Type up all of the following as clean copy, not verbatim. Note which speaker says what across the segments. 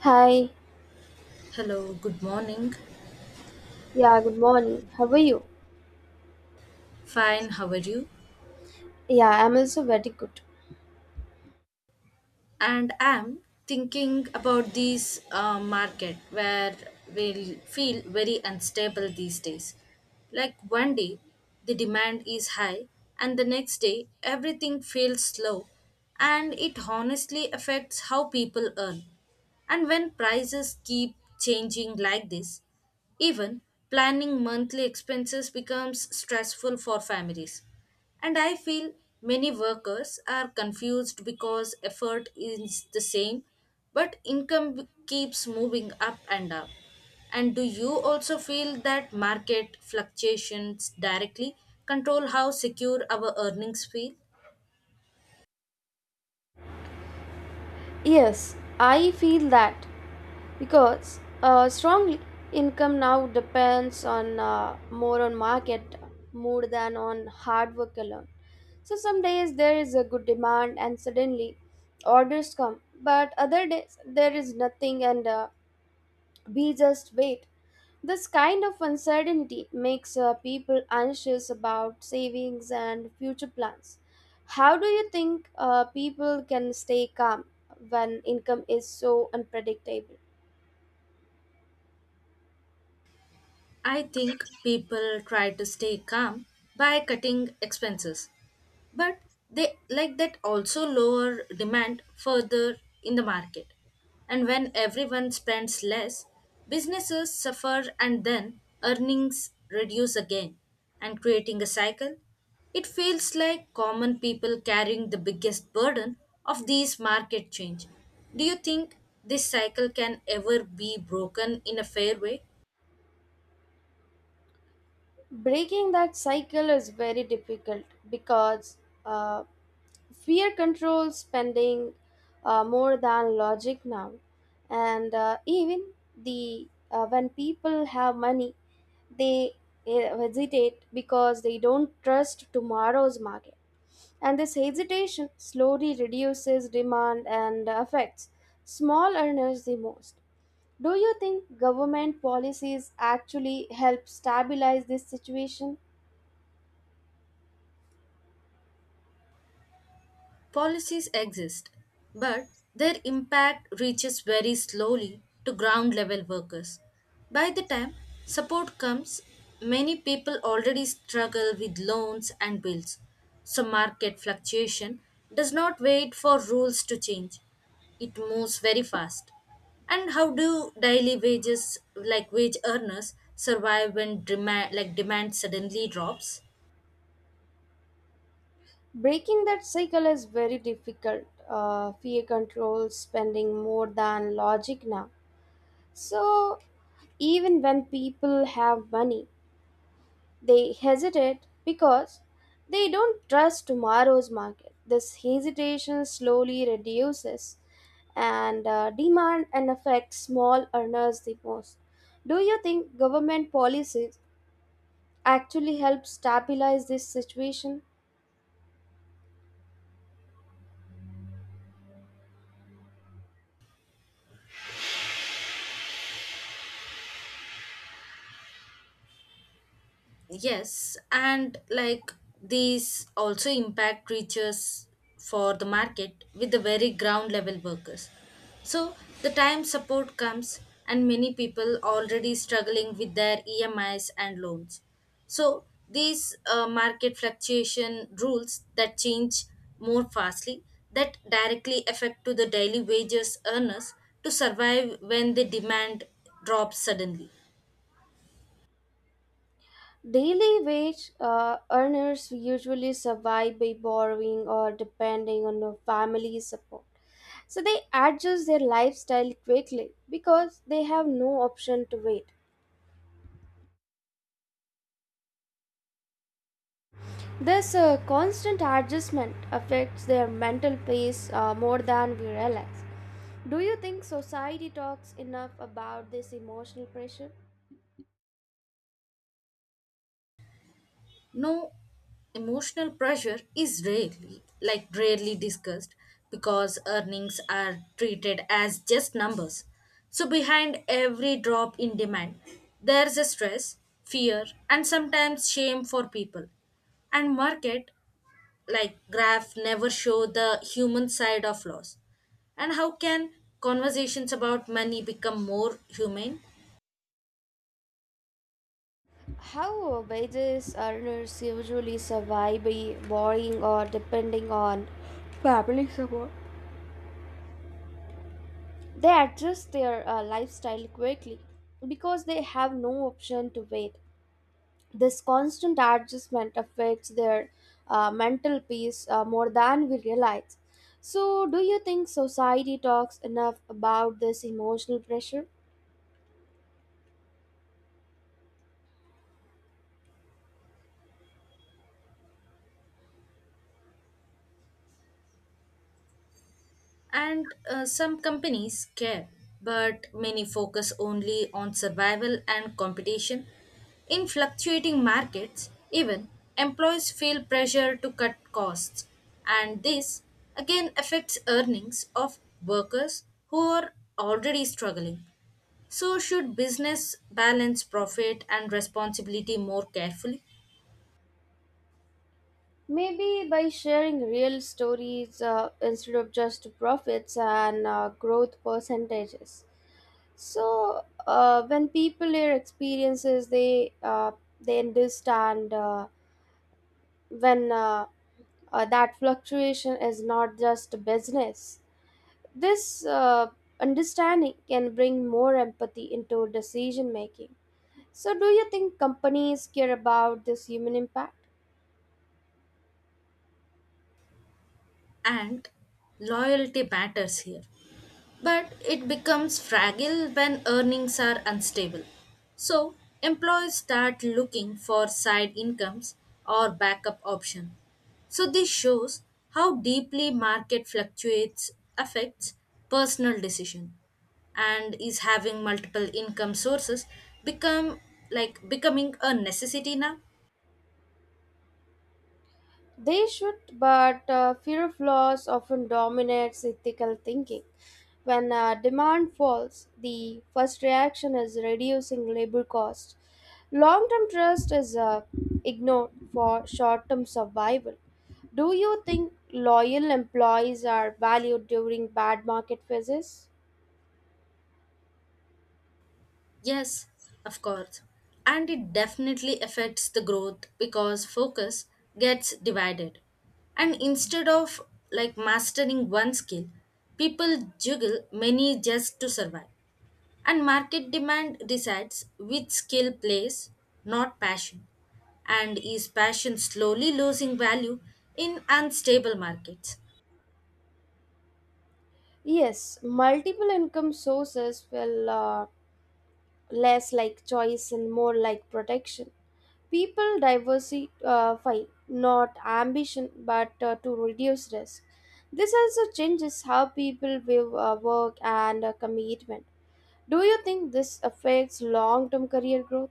Speaker 1: Hi.
Speaker 2: Hello, good morning.
Speaker 1: Yeah, good morning. How are you?
Speaker 2: Fine, how are you?
Speaker 1: Yeah, I'm also very good.
Speaker 2: And I'm thinking about this market where we feel very unstable these days. Like one day the demand is high, and the next day everything feels slow, and it honestly affects how people earn. And when prices keep changing like this, even planning monthly expenses becomes stressful for families. And I feel many workers are confused because effort is the same, but income keeps moving up and up. And do you also feel that market fluctuations directly control how secure our earnings feel?
Speaker 1: Yes, I feel that because strongly income now depends on more on market mood than on hard work alone. So some days there is a good demand and suddenly orders come, but other days there is nothing and we just wait. This kind of uncertainty makes people anxious about savings and future plans. How do you think people can stay calm when income is so unpredictable?
Speaker 2: I think people try to stay calm by cutting expenses, but they like that also lower demand further in the market. And when everyone spends less, businesses suffer and then earnings reduce again and creating a cycle. It feels like common people carrying the biggest burden of these market change. Do you think this cycle can ever be broken in a fair way?
Speaker 1: Breaking that cycle is very difficult because uh, fear controls spending more than logic now. And even the when people have money, they hesitate because they don't trust tomorrow's market. And this hesitation slowly reduces demand and affects small earners the most. Do you think government policies actually help stabilize this situation?
Speaker 2: Policies exist, but their impact reaches very slowly to ground level workers. By the time support comes, many people already struggle with loans and bills. So, market fluctuation does not wait for rules to change, it moves very fast. And how do daily wages, like wage earners, survive when demand suddenly drops?
Speaker 1: Breaking that cycle is very difficult. Fear controls spending more than logic now. So, even when people have money, they hesitate because they don't trust tomorrow's market. This hesitation slowly reduces and demand and affects small earners the most. Do you think government policies actually help stabilize this situation?
Speaker 2: Yes, and like these also impact reaches for the market with the very ground level workers. So the time support comes and many people already struggling with their EMIs and loans. So these market fluctuation rules that change more fastly that directly affect to the daily wages earners to survive when the demand drops suddenly.
Speaker 1: Daily wage earners usually survive by borrowing or depending on their family support. So they adjust their lifestyle quickly because they have no option to wait. This constant adjustment affects their mental peace more than we realize. Do you think society talks enough about this emotional pressure?
Speaker 2: No, emotional pressure is rarely discussed because earnings are treated as just numbers. So behind every drop in demand, there's a stress, fear, and sometimes shame for people. And market, like graph, never show the human side of loss. And how can conversations about money become more humane?
Speaker 1: How wages earners usually survive by borrowing or depending on, they adjust their lifestyle quickly because they have no option to wait. This constant adjustment affects their mental peace more than we realize. So, do you think society talks enough about this emotional pressure?
Speaker 2: And some companies care, but many focus only on survival and competition. In fluctuating markets, even employees feel pressure to cut costs, and this again affects earnings of workers who are already struggling. So, should business balance profit and responsibility more carefully?
Speaker 1: Maybe by sharing real stories instead of just profits and growth percentages. So, when people hear experiences, they understand when that fluctuation is not just business. This understanding can bring more empathy into decision making. So, do you think companies care about this human impact?
Speaker 2: And loyalty matters here. But it becomes fragile when earnings are unstable. So, employees start looking for side incomes or backup option. So, this shows how deeply market fluctuates affects personal decision and is having multiple income sources become becoming a necessity now.
Speaker 1: They should, but fear of loss often dominates ethical thinking. When demand falls, the first reaction is reducing labor costs. Long term trust is ignored for short term survival. Do you think loyal employees are valued during bad market phases?
Speaker 2: Yes, of course. And it definitely affects the growth because focus gets divided. And instead of mastering one skill, people juggle many just to survive. And market demand decides which skill plays, not passion. And is passion slowly losing value in unstable markets?
Speaker 1: Yes, multiple income sources will less like choice and more like protection. People diversify, not ambition, but to reduce risk. This also changes how people view work and commitment. Do you think this affects long term career growth?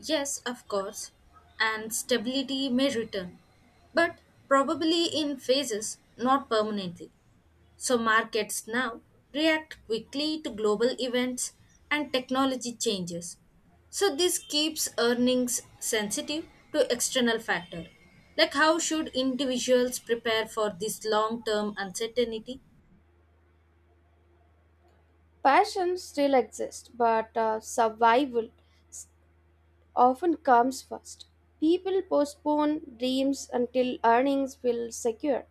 Speaker 2: Yes, of course, and stability may return, but probably in phases, not permanently. So, markets now react quickly to global events and technology changes. So, this keeps earnings sensitive to external factor. Like how should individuals prepare for this long-term uncertainty?
Speaker 1: Passion still exists, but s- often comes first. People postpone dreams until earnings will secure.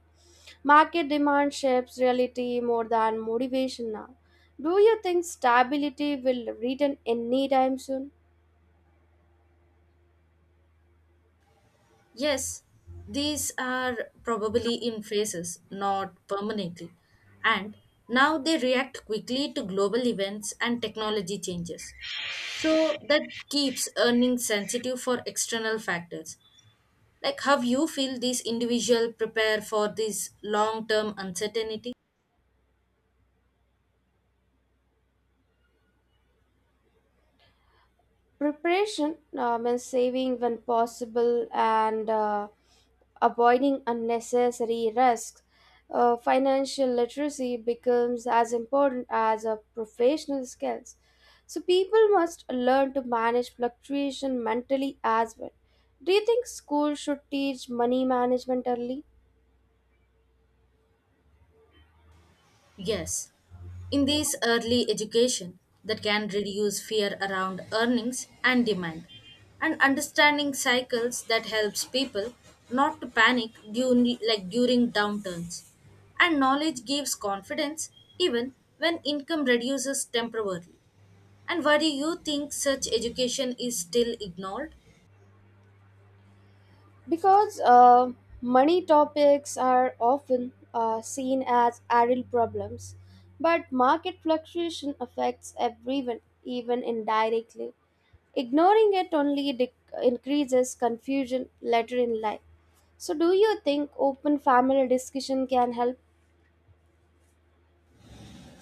Speaker 1: Market demand shapes reality more than motivation now. Do you think stability will return anytime soon?
Speaker 2: Yes, these are probably in phases, not permanently. And now they react quickly to global events and technology changes. So that keeps earnings sensitive for external factors. Like how you feel these individual prepare for this long-term uncertainty?
Speaker 1: Preparation means saving when possible and avoiding unnecessary risks. Financial literacy becomes as important as professional skills. So people must learn to manage fluctuation mentally as well. Do you think schools should teach money management early?
Speaker 2: Yes, in this early education that can reduce fear around earnings and demand, and understanding cycles that helps people not to panic during downturns. And knowledge gives confidence even when income reduces temporarily. And why do you think such education is still ignored?
Speaker 1: Because money topics are often seen as adult problems, but market fluctuation affects everyone, even indirectly. Ignoring it only increases confusion later in life. So, do you think open family discussion can help?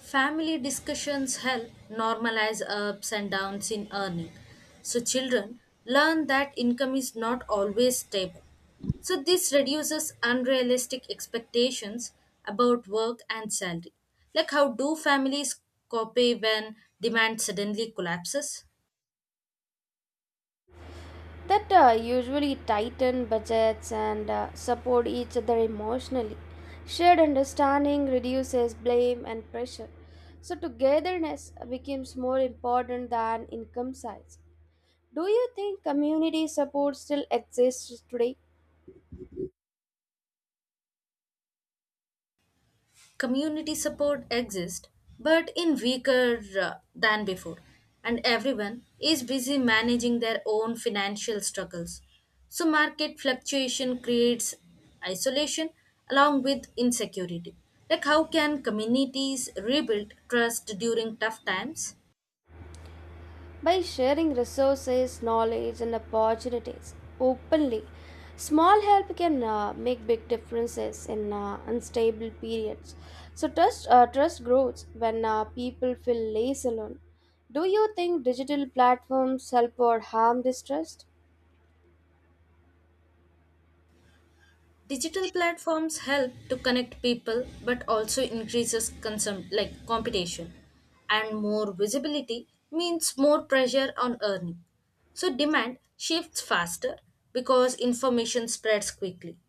Speaker 2: Family discussions help normalize ups and downs in earning. So, children learn that income is not always stable. So, this reduces unrealistic expectations about work and salary. Like, how do families copy when demand suddenly collapses?
Speaker 1: That usually tighten budgets and support each other emotionally. Shared understanding reduces blame and pressure. So, togetherness becomes more important than income size. Do you think community support still exists today?
Speaker 2: Community support exists but in weaker than before, and everyone is busy managing their own financial struggles, so market fluctuation creates isolation along with insecurity. Like how can communities rebuild trust during tough times?
Speaker 1: By sharing resources, knowledge, and opportunities openly. Small help can make big differences in unstable periods. So trust grows when people feel less alone. Do you think digital platforms help or harm this trust?
Speaker 2: Digital platforms help to connect people but also increases competition, and more visibility means more pressure on earning. So demand shifts faster because information spreads quickly.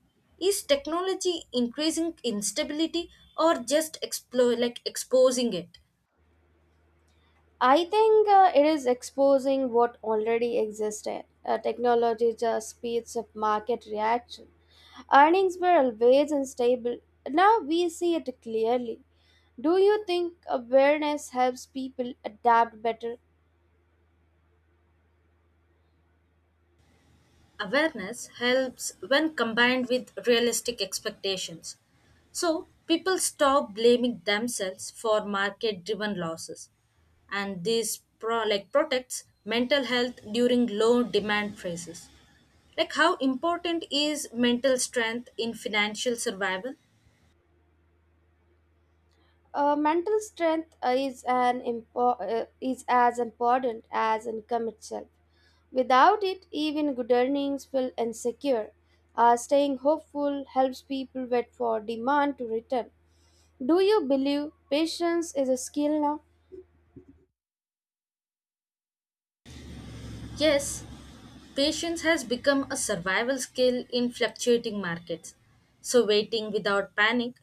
Speaker 2: Is technology increasing instability or just explore like exposing it?
Speaker 1: I think it is exposing what already existed. Technology just speeds up market reaction. Earnings were always unstable. Now we see it clearly. Do you think awareness helps people adapt better?
Speaker 2: Awareness helps when combined with realistic expectations. So, people stop blaming themselves for market driven losses. And this protects mental health during low demand phases. Like how important is mental strength in financial survival?
Speaker 1: Mental strength is as important as income itself. Without it, even good earnings feel insecure. Staying hopeful helps people wait for demand to return. Do you believe patience is a skill now?
Speaker 2: Yes, patience has become a survival skill in fluctuating markets. So, waiting without panic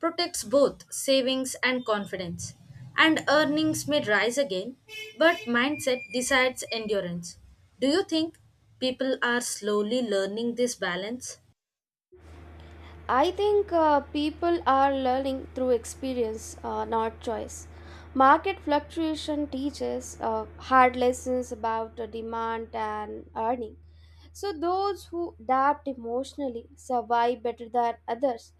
Speaker 2: protects both savings and confidence. And earnings may rise again, but mindset decides endurance. Do you think people are slowly learning this balance?
Speaker 1: I think people are learning through experience, not choice. Market fluctuation teaches hard lessons about the demand and earning. So, those who adapt emotionally survive better than others.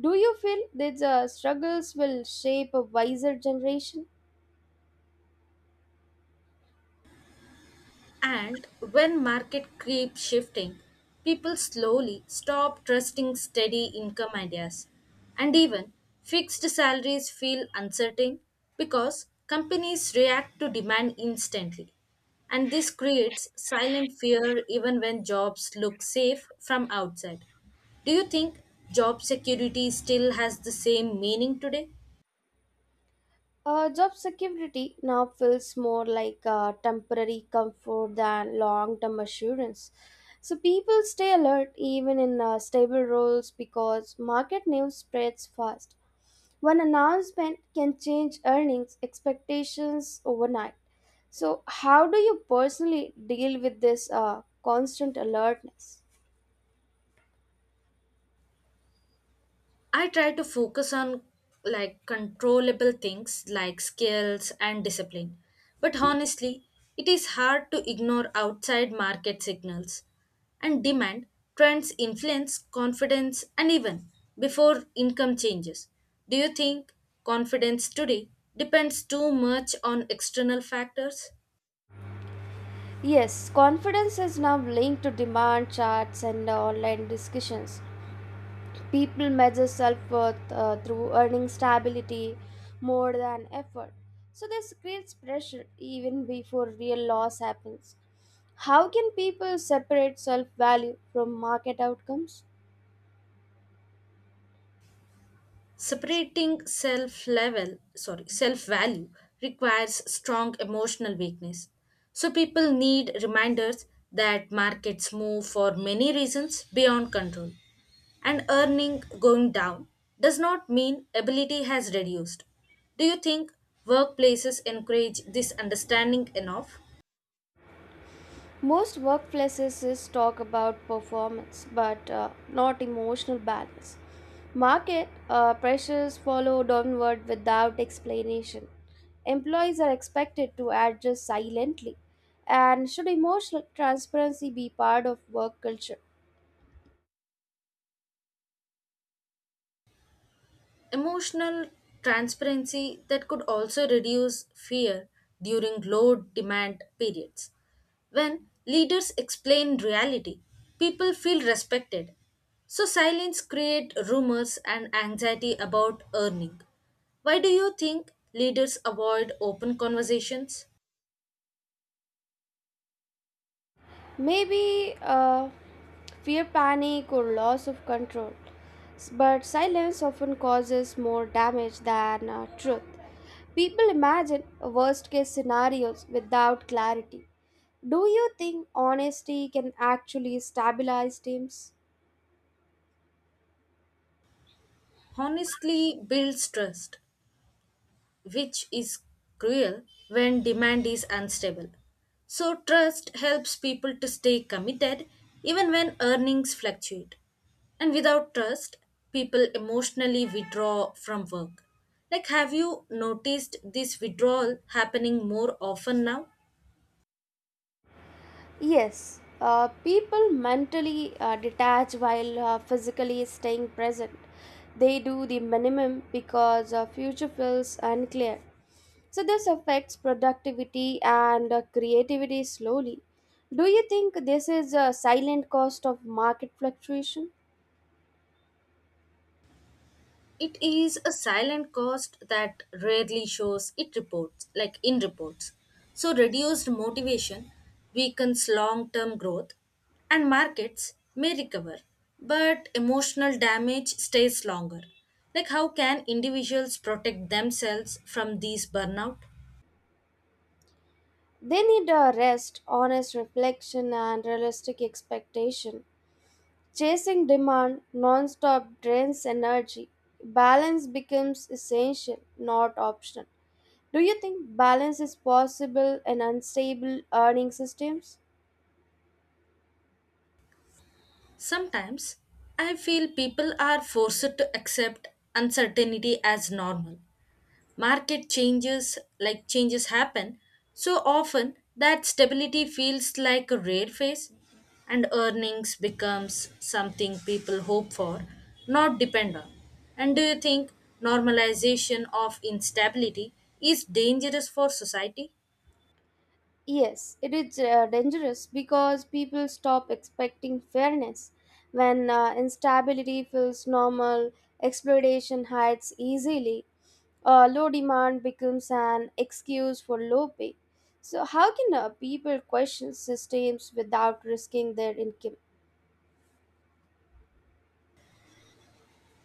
Speaker 1: Do you feel these struggles will shape a wiser generation?
Speaker 2: And when market keeps shifting, people slowly stop trusting steady income ideas. And even fixed salaries feel uncertain because companies react to demand instantly. And this creates silent fear even when jobs look safe from outside. Do you think job security still has the same meaning today?
Speaker 1: Job security now feels more like a temporary comfort than long term assurance. So people stay alert even in stable roles because market news spreads fast. One announcement can change earnings expectations overnight. So, how do you personally deal with this constant alertness?
Speaker 2: I try to focus on controllable things like skills and discipline. But honestly, it is hard to ignore outside market signals and demand trends influence confidence and even before income changes. Do you think confidence today depends too much on external factors?
Speaker 1: Yes, confidence is now linked to demand charts and online discussions. People measure self worth through earning stability more than effort. So, this creates pressure even before real loss happens. How can people separate self value from market outcomes?
Speaker 2: Separating self level, sorry, self value requires strong emotional weakness. So people need reminders that markets move for many reasons beyond control. And earning going down does not mean ability has reduced. Do you think workplaces encourage this understanding enough?
Speaker 1: Most workplaces is talk about performance but not emotional balance. Market pressures follow downward without explanation. Employees are expected to adjust silently. And should emotional transparency be part of work culture?
Speaker 2: Emotional transparency that could also reduce fear during low demand periods. When leaders explain reality, people feel respected. So silence create rumors and anxiety about earning. Why do you think leaders avoid open conversations?
Speaker 1: Maybe fear, panic, or loss of control. But silence often causes more damage than truth. People imagine worst case scenarios without clarity. Do you think honesty can actually stabilize teams?
Speaker 2: Honestly builds trust, which is cruel when demand is unstable. So, trust helps people to stay committed even when earnings fluctuate. And without trust, people emotionally withdraw from work. Like, have you noticed this withdrawal happening more often now?
Speaker 1: Yes, people mentally detach while physically staying present. They do the minimum because future feels unclear. So this affects productivity and creativity slowly. Do you think this is a silent cost of market fluctuation?
Speaker 2: It is a silent cost that rarely shows it reports, like in reports. So reduced motivation weakens long-term growth and markets may recover, but emotional damage stays longer. Like how can individuals protect themselves from these burnout?
Speaker 1: They need a rest, honest reflection, and realistic expectation. Chasing demand non-stop drains energy. Balance becomes essential, not optional. Do you think balance is possible in unstable earning systems?
Speaker 2: Sometimes I feel people are forced to accept uncertainty as normal, market changes happen so often that stability feels like a rare phase and earnings becomes something people hope for, not depend on. And do you think normalization of instability is dangerous for society?
Speaker 1: Yes, it is dangerous because people stop expecting fairness. When instability feels normal, exploitation hides easily, low demand becomes an excuse for low pay. So, how can people question systems without risking their income?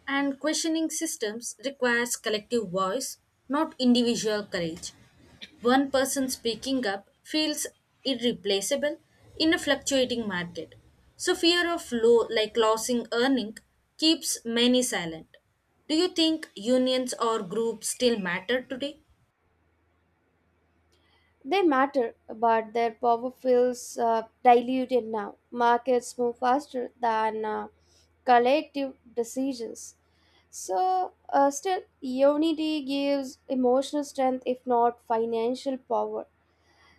Speaker 2: And questioning systems requires collective voice, not individual courage. One person speaking up feels irreplaceable in a fluctuating market. So fear of low like losing earning keeps many silent. Do you think unions or groups still matter today?
Speaker 1: They matter, but their power feels diluted now. Markets move faster than collective decisions. So, still, unity gives emotional strength if not financial power.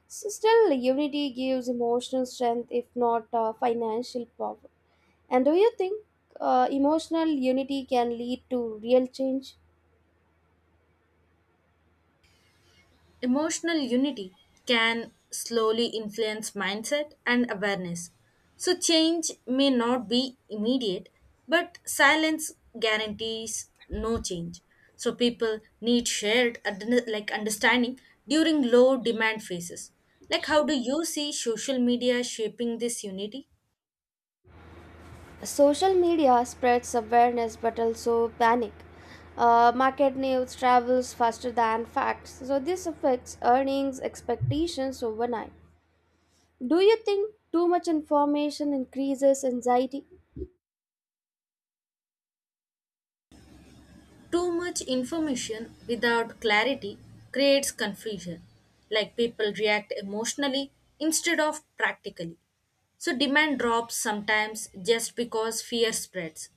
Speaker 1: So, still, unity gives emotional strength if not financial power. And do you think emotional unity can lead to real change?
Speaker 2: Emotional unity can slowly influence mindset and awareness. So, change may not be immediate, but silence guarantees no change. So, people need shared understanding during low demand phases. Like, how do you see social media shaping this unity?
Speaker 1: Social media spreads awareness but also panic. Market news travels faster than facts, so this affects earnings expectations overnight. Do you think too much information increases anxiety?
Speaker 2: Too much information without clarity creates confusion, like people react emotionally instead of practically. So, demand drops sometimes just because fear spreads.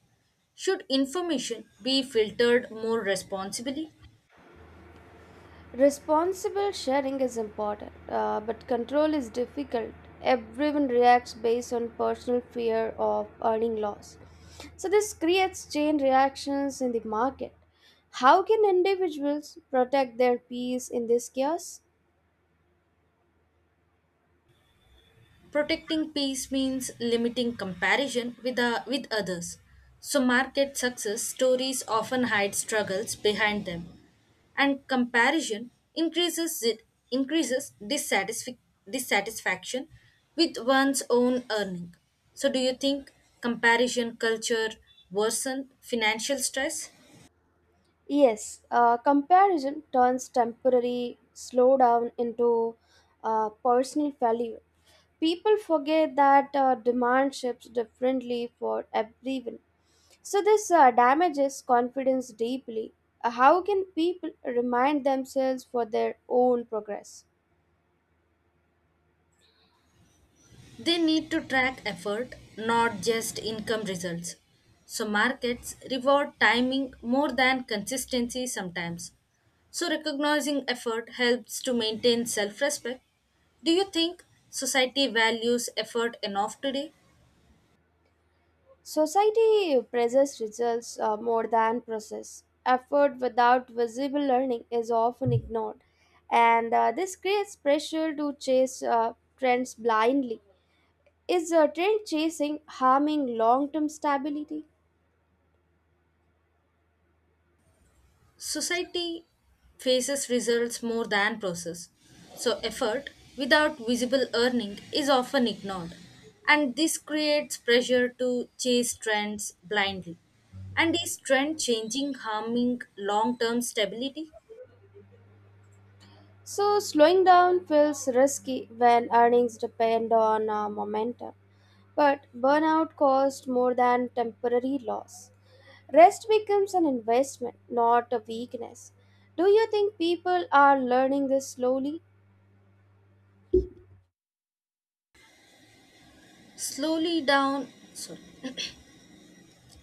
Speaker 2: Should information be filtered more responsibly?
Speaker 1: Responsible sharing is important, but control is difficult. Everyone reacts based on personal fear of earning loss. So, this creates chain reactions in the market. How can individuals protect their peace in this chaos?
Speaker 2: Protecting peace means limiting comparison with others. So, market success stories often hide struggles behind them, and comparison increases dissatisfaction with one's own earning. So, do you think comparison culture worsen financial stress?
Speaker 1: Yes, comparison turns temporary slowdown into personal failure. People forget that demand shifts differently for everyone. So, this damages confidence deeply. How can people remind themselves for their own progress?
Speaker 2: They need to track effort, not just income results. So, markets reward timing more than consistency sometimes. So, recognizing effort helps to maintain self respect. Do you think society values effort enough today?
Speaker 1: Society praises results more than process. Effort without visible learning is often ignored, and this creates pressure to chase trends blindly. Is trend chasing harming long term stability?
Speaker 2: Society faces results more than process, so effort without visible earning is often ignored, and this creates pressure to chase trends blindly. And is trend changing harming long term stability?
Speaker 1: So, slowing down feels risky when earnings depend on momentum, but burnout costs more than temporary loss. Rest becomes an investment, not a weakness. Do you think people are learning this slowly?
Speaker 2: Slowly down, sorry,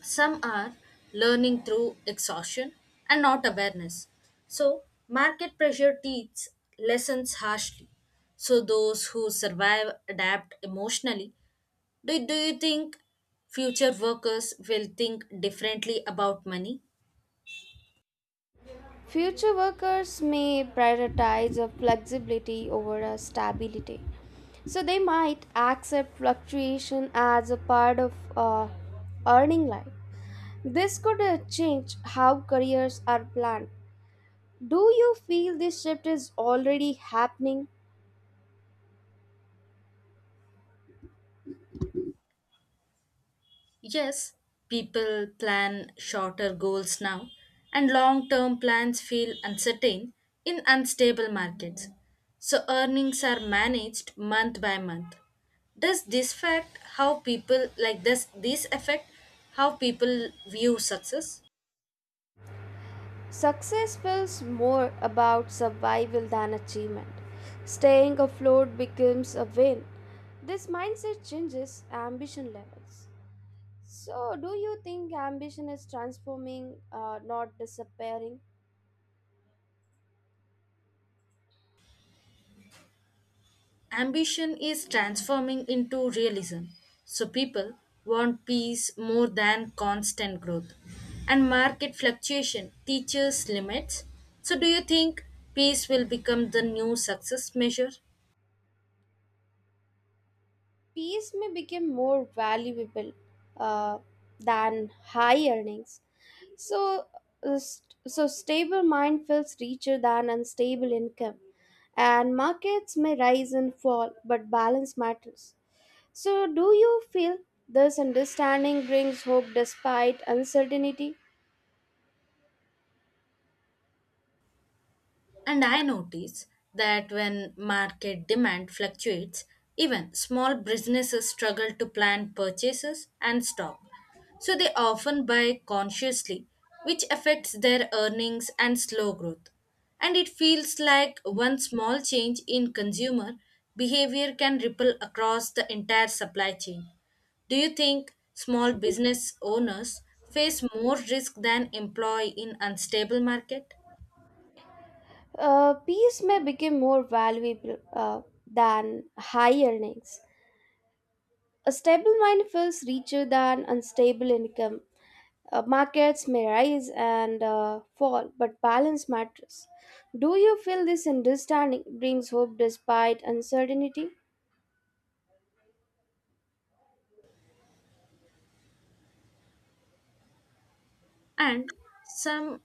Speaker 2: some are learning through exhaustion and not awareness. So, market pressure teaches lessons harshly. So, those who survive adapt emotionally. Do you think future workers will think differently about money?
Speaker 1: Future workers may prioritize a flexibility over a stability. So they might accept fluctuation as a part of earning life. This could change how careers are planned. Do you feel this shift is already happening?
Speaker 2: Yes, people plan shorter goals now, and long term plans feel uncertain in unstable markets. So, earnings are managed month by month. Does this fact how people like does this affect how people view success?
Speaker 1: Success feels more about survival than achievement. Staying afloat becomes a win. This mindset changes ambition levels. So, do you think ambition is transforming, not disappearing?
Speaker 2: Ambition is transforming into realism. So people want peace more than constant growth. And market fluctuation teaches limits. So do you think peace will become the new success measure?
Speaker 1: Peace may become more valuable uh, than high earnings. So, so stable mind feels richer than unstable income. And markets may rise and fall, but balance matters. So, do you feel this understanding brings hope despite uncertainty?
Speaker 2: And I notice that when market demand fluctuates, even small businesses struggle to plan purchases and stock. So they often buy consciously, which affects their earnings and slow growth. And it feels like one small change in consumer behavior can ripple across the entire supply chain. Do you think small business owners face more risk than employee in unstable market?
Speaker 1: Peace may become more valuable than high earnings. A stable mind feels richer than unstable income. Markets may rise and fall, but balance matters. Do you feel this understanding brings hope despite uncertainty?
Speaker 2: and some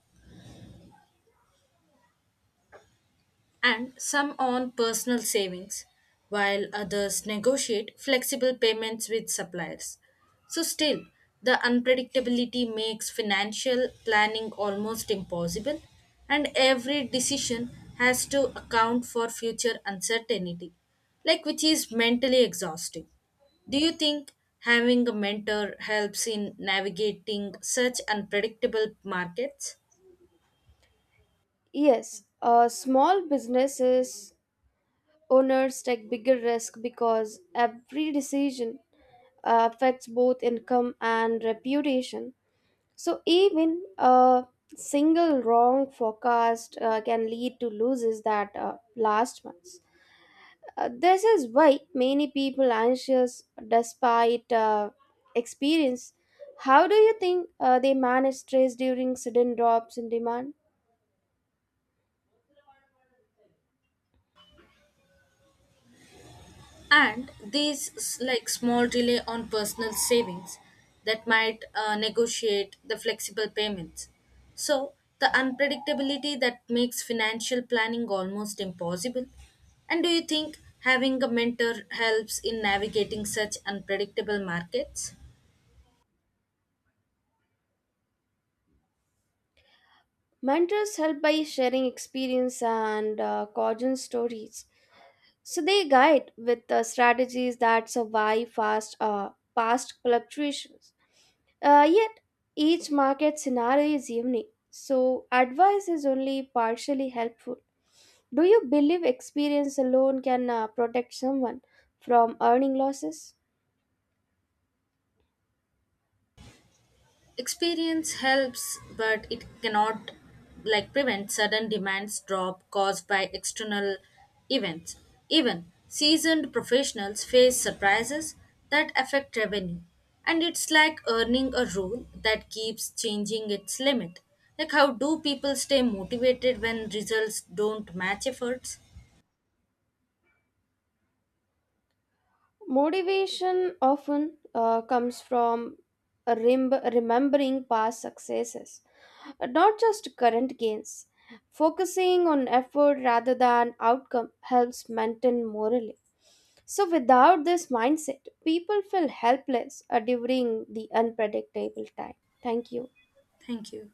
Speaker 2: and some on personal savings while others negotiate flexible payments with suppliers, so still the unpredictability makes financial planning almost impossible, and every decision has to account for future uncertainty, which is mentally exhausting. Do you think having a mentor helps in navigating such unpredictable markets?
Speaker 1: Yes, small businesses owners take bigger risk because every decision affects both income and reputation. So, even a single wrong forecast can lead to losses that last months. This is why many people anxious despite experience. How do you think they manage stress during sudden drops in demand?
Speaker 2: And these small delay on personal savings that might negotiate the flexible payments, so the unpredictability that makes financial planning almost impossible. And do you think having a mentor helps in navigating such unpredictable markets?
Speaker 1: Mentors help by sharing experience and caution stories. So they guide with strategies that survive past fluctuations. Yet each market scenario is unique, so advice is only partially helpful. Do you believe experience alone can protect someone from earning losses?
Speaker 2: Experience helps, but it cannot prevent sudden demands drop caused by external events. Even seasoned professionals face surprises that affect revenue. And it's like earning a rule that keeps changing its limit. Like how do people stay motivated when results don't match efforts?
Speaker 1: Motivation often comes from remembering past successes, not just current gains. Focusing on effort rather than outcome helps maintain morale. So, without this mindset, people feel helpless during the unpredictable time. Thank you.
Speaker 2: Thank you.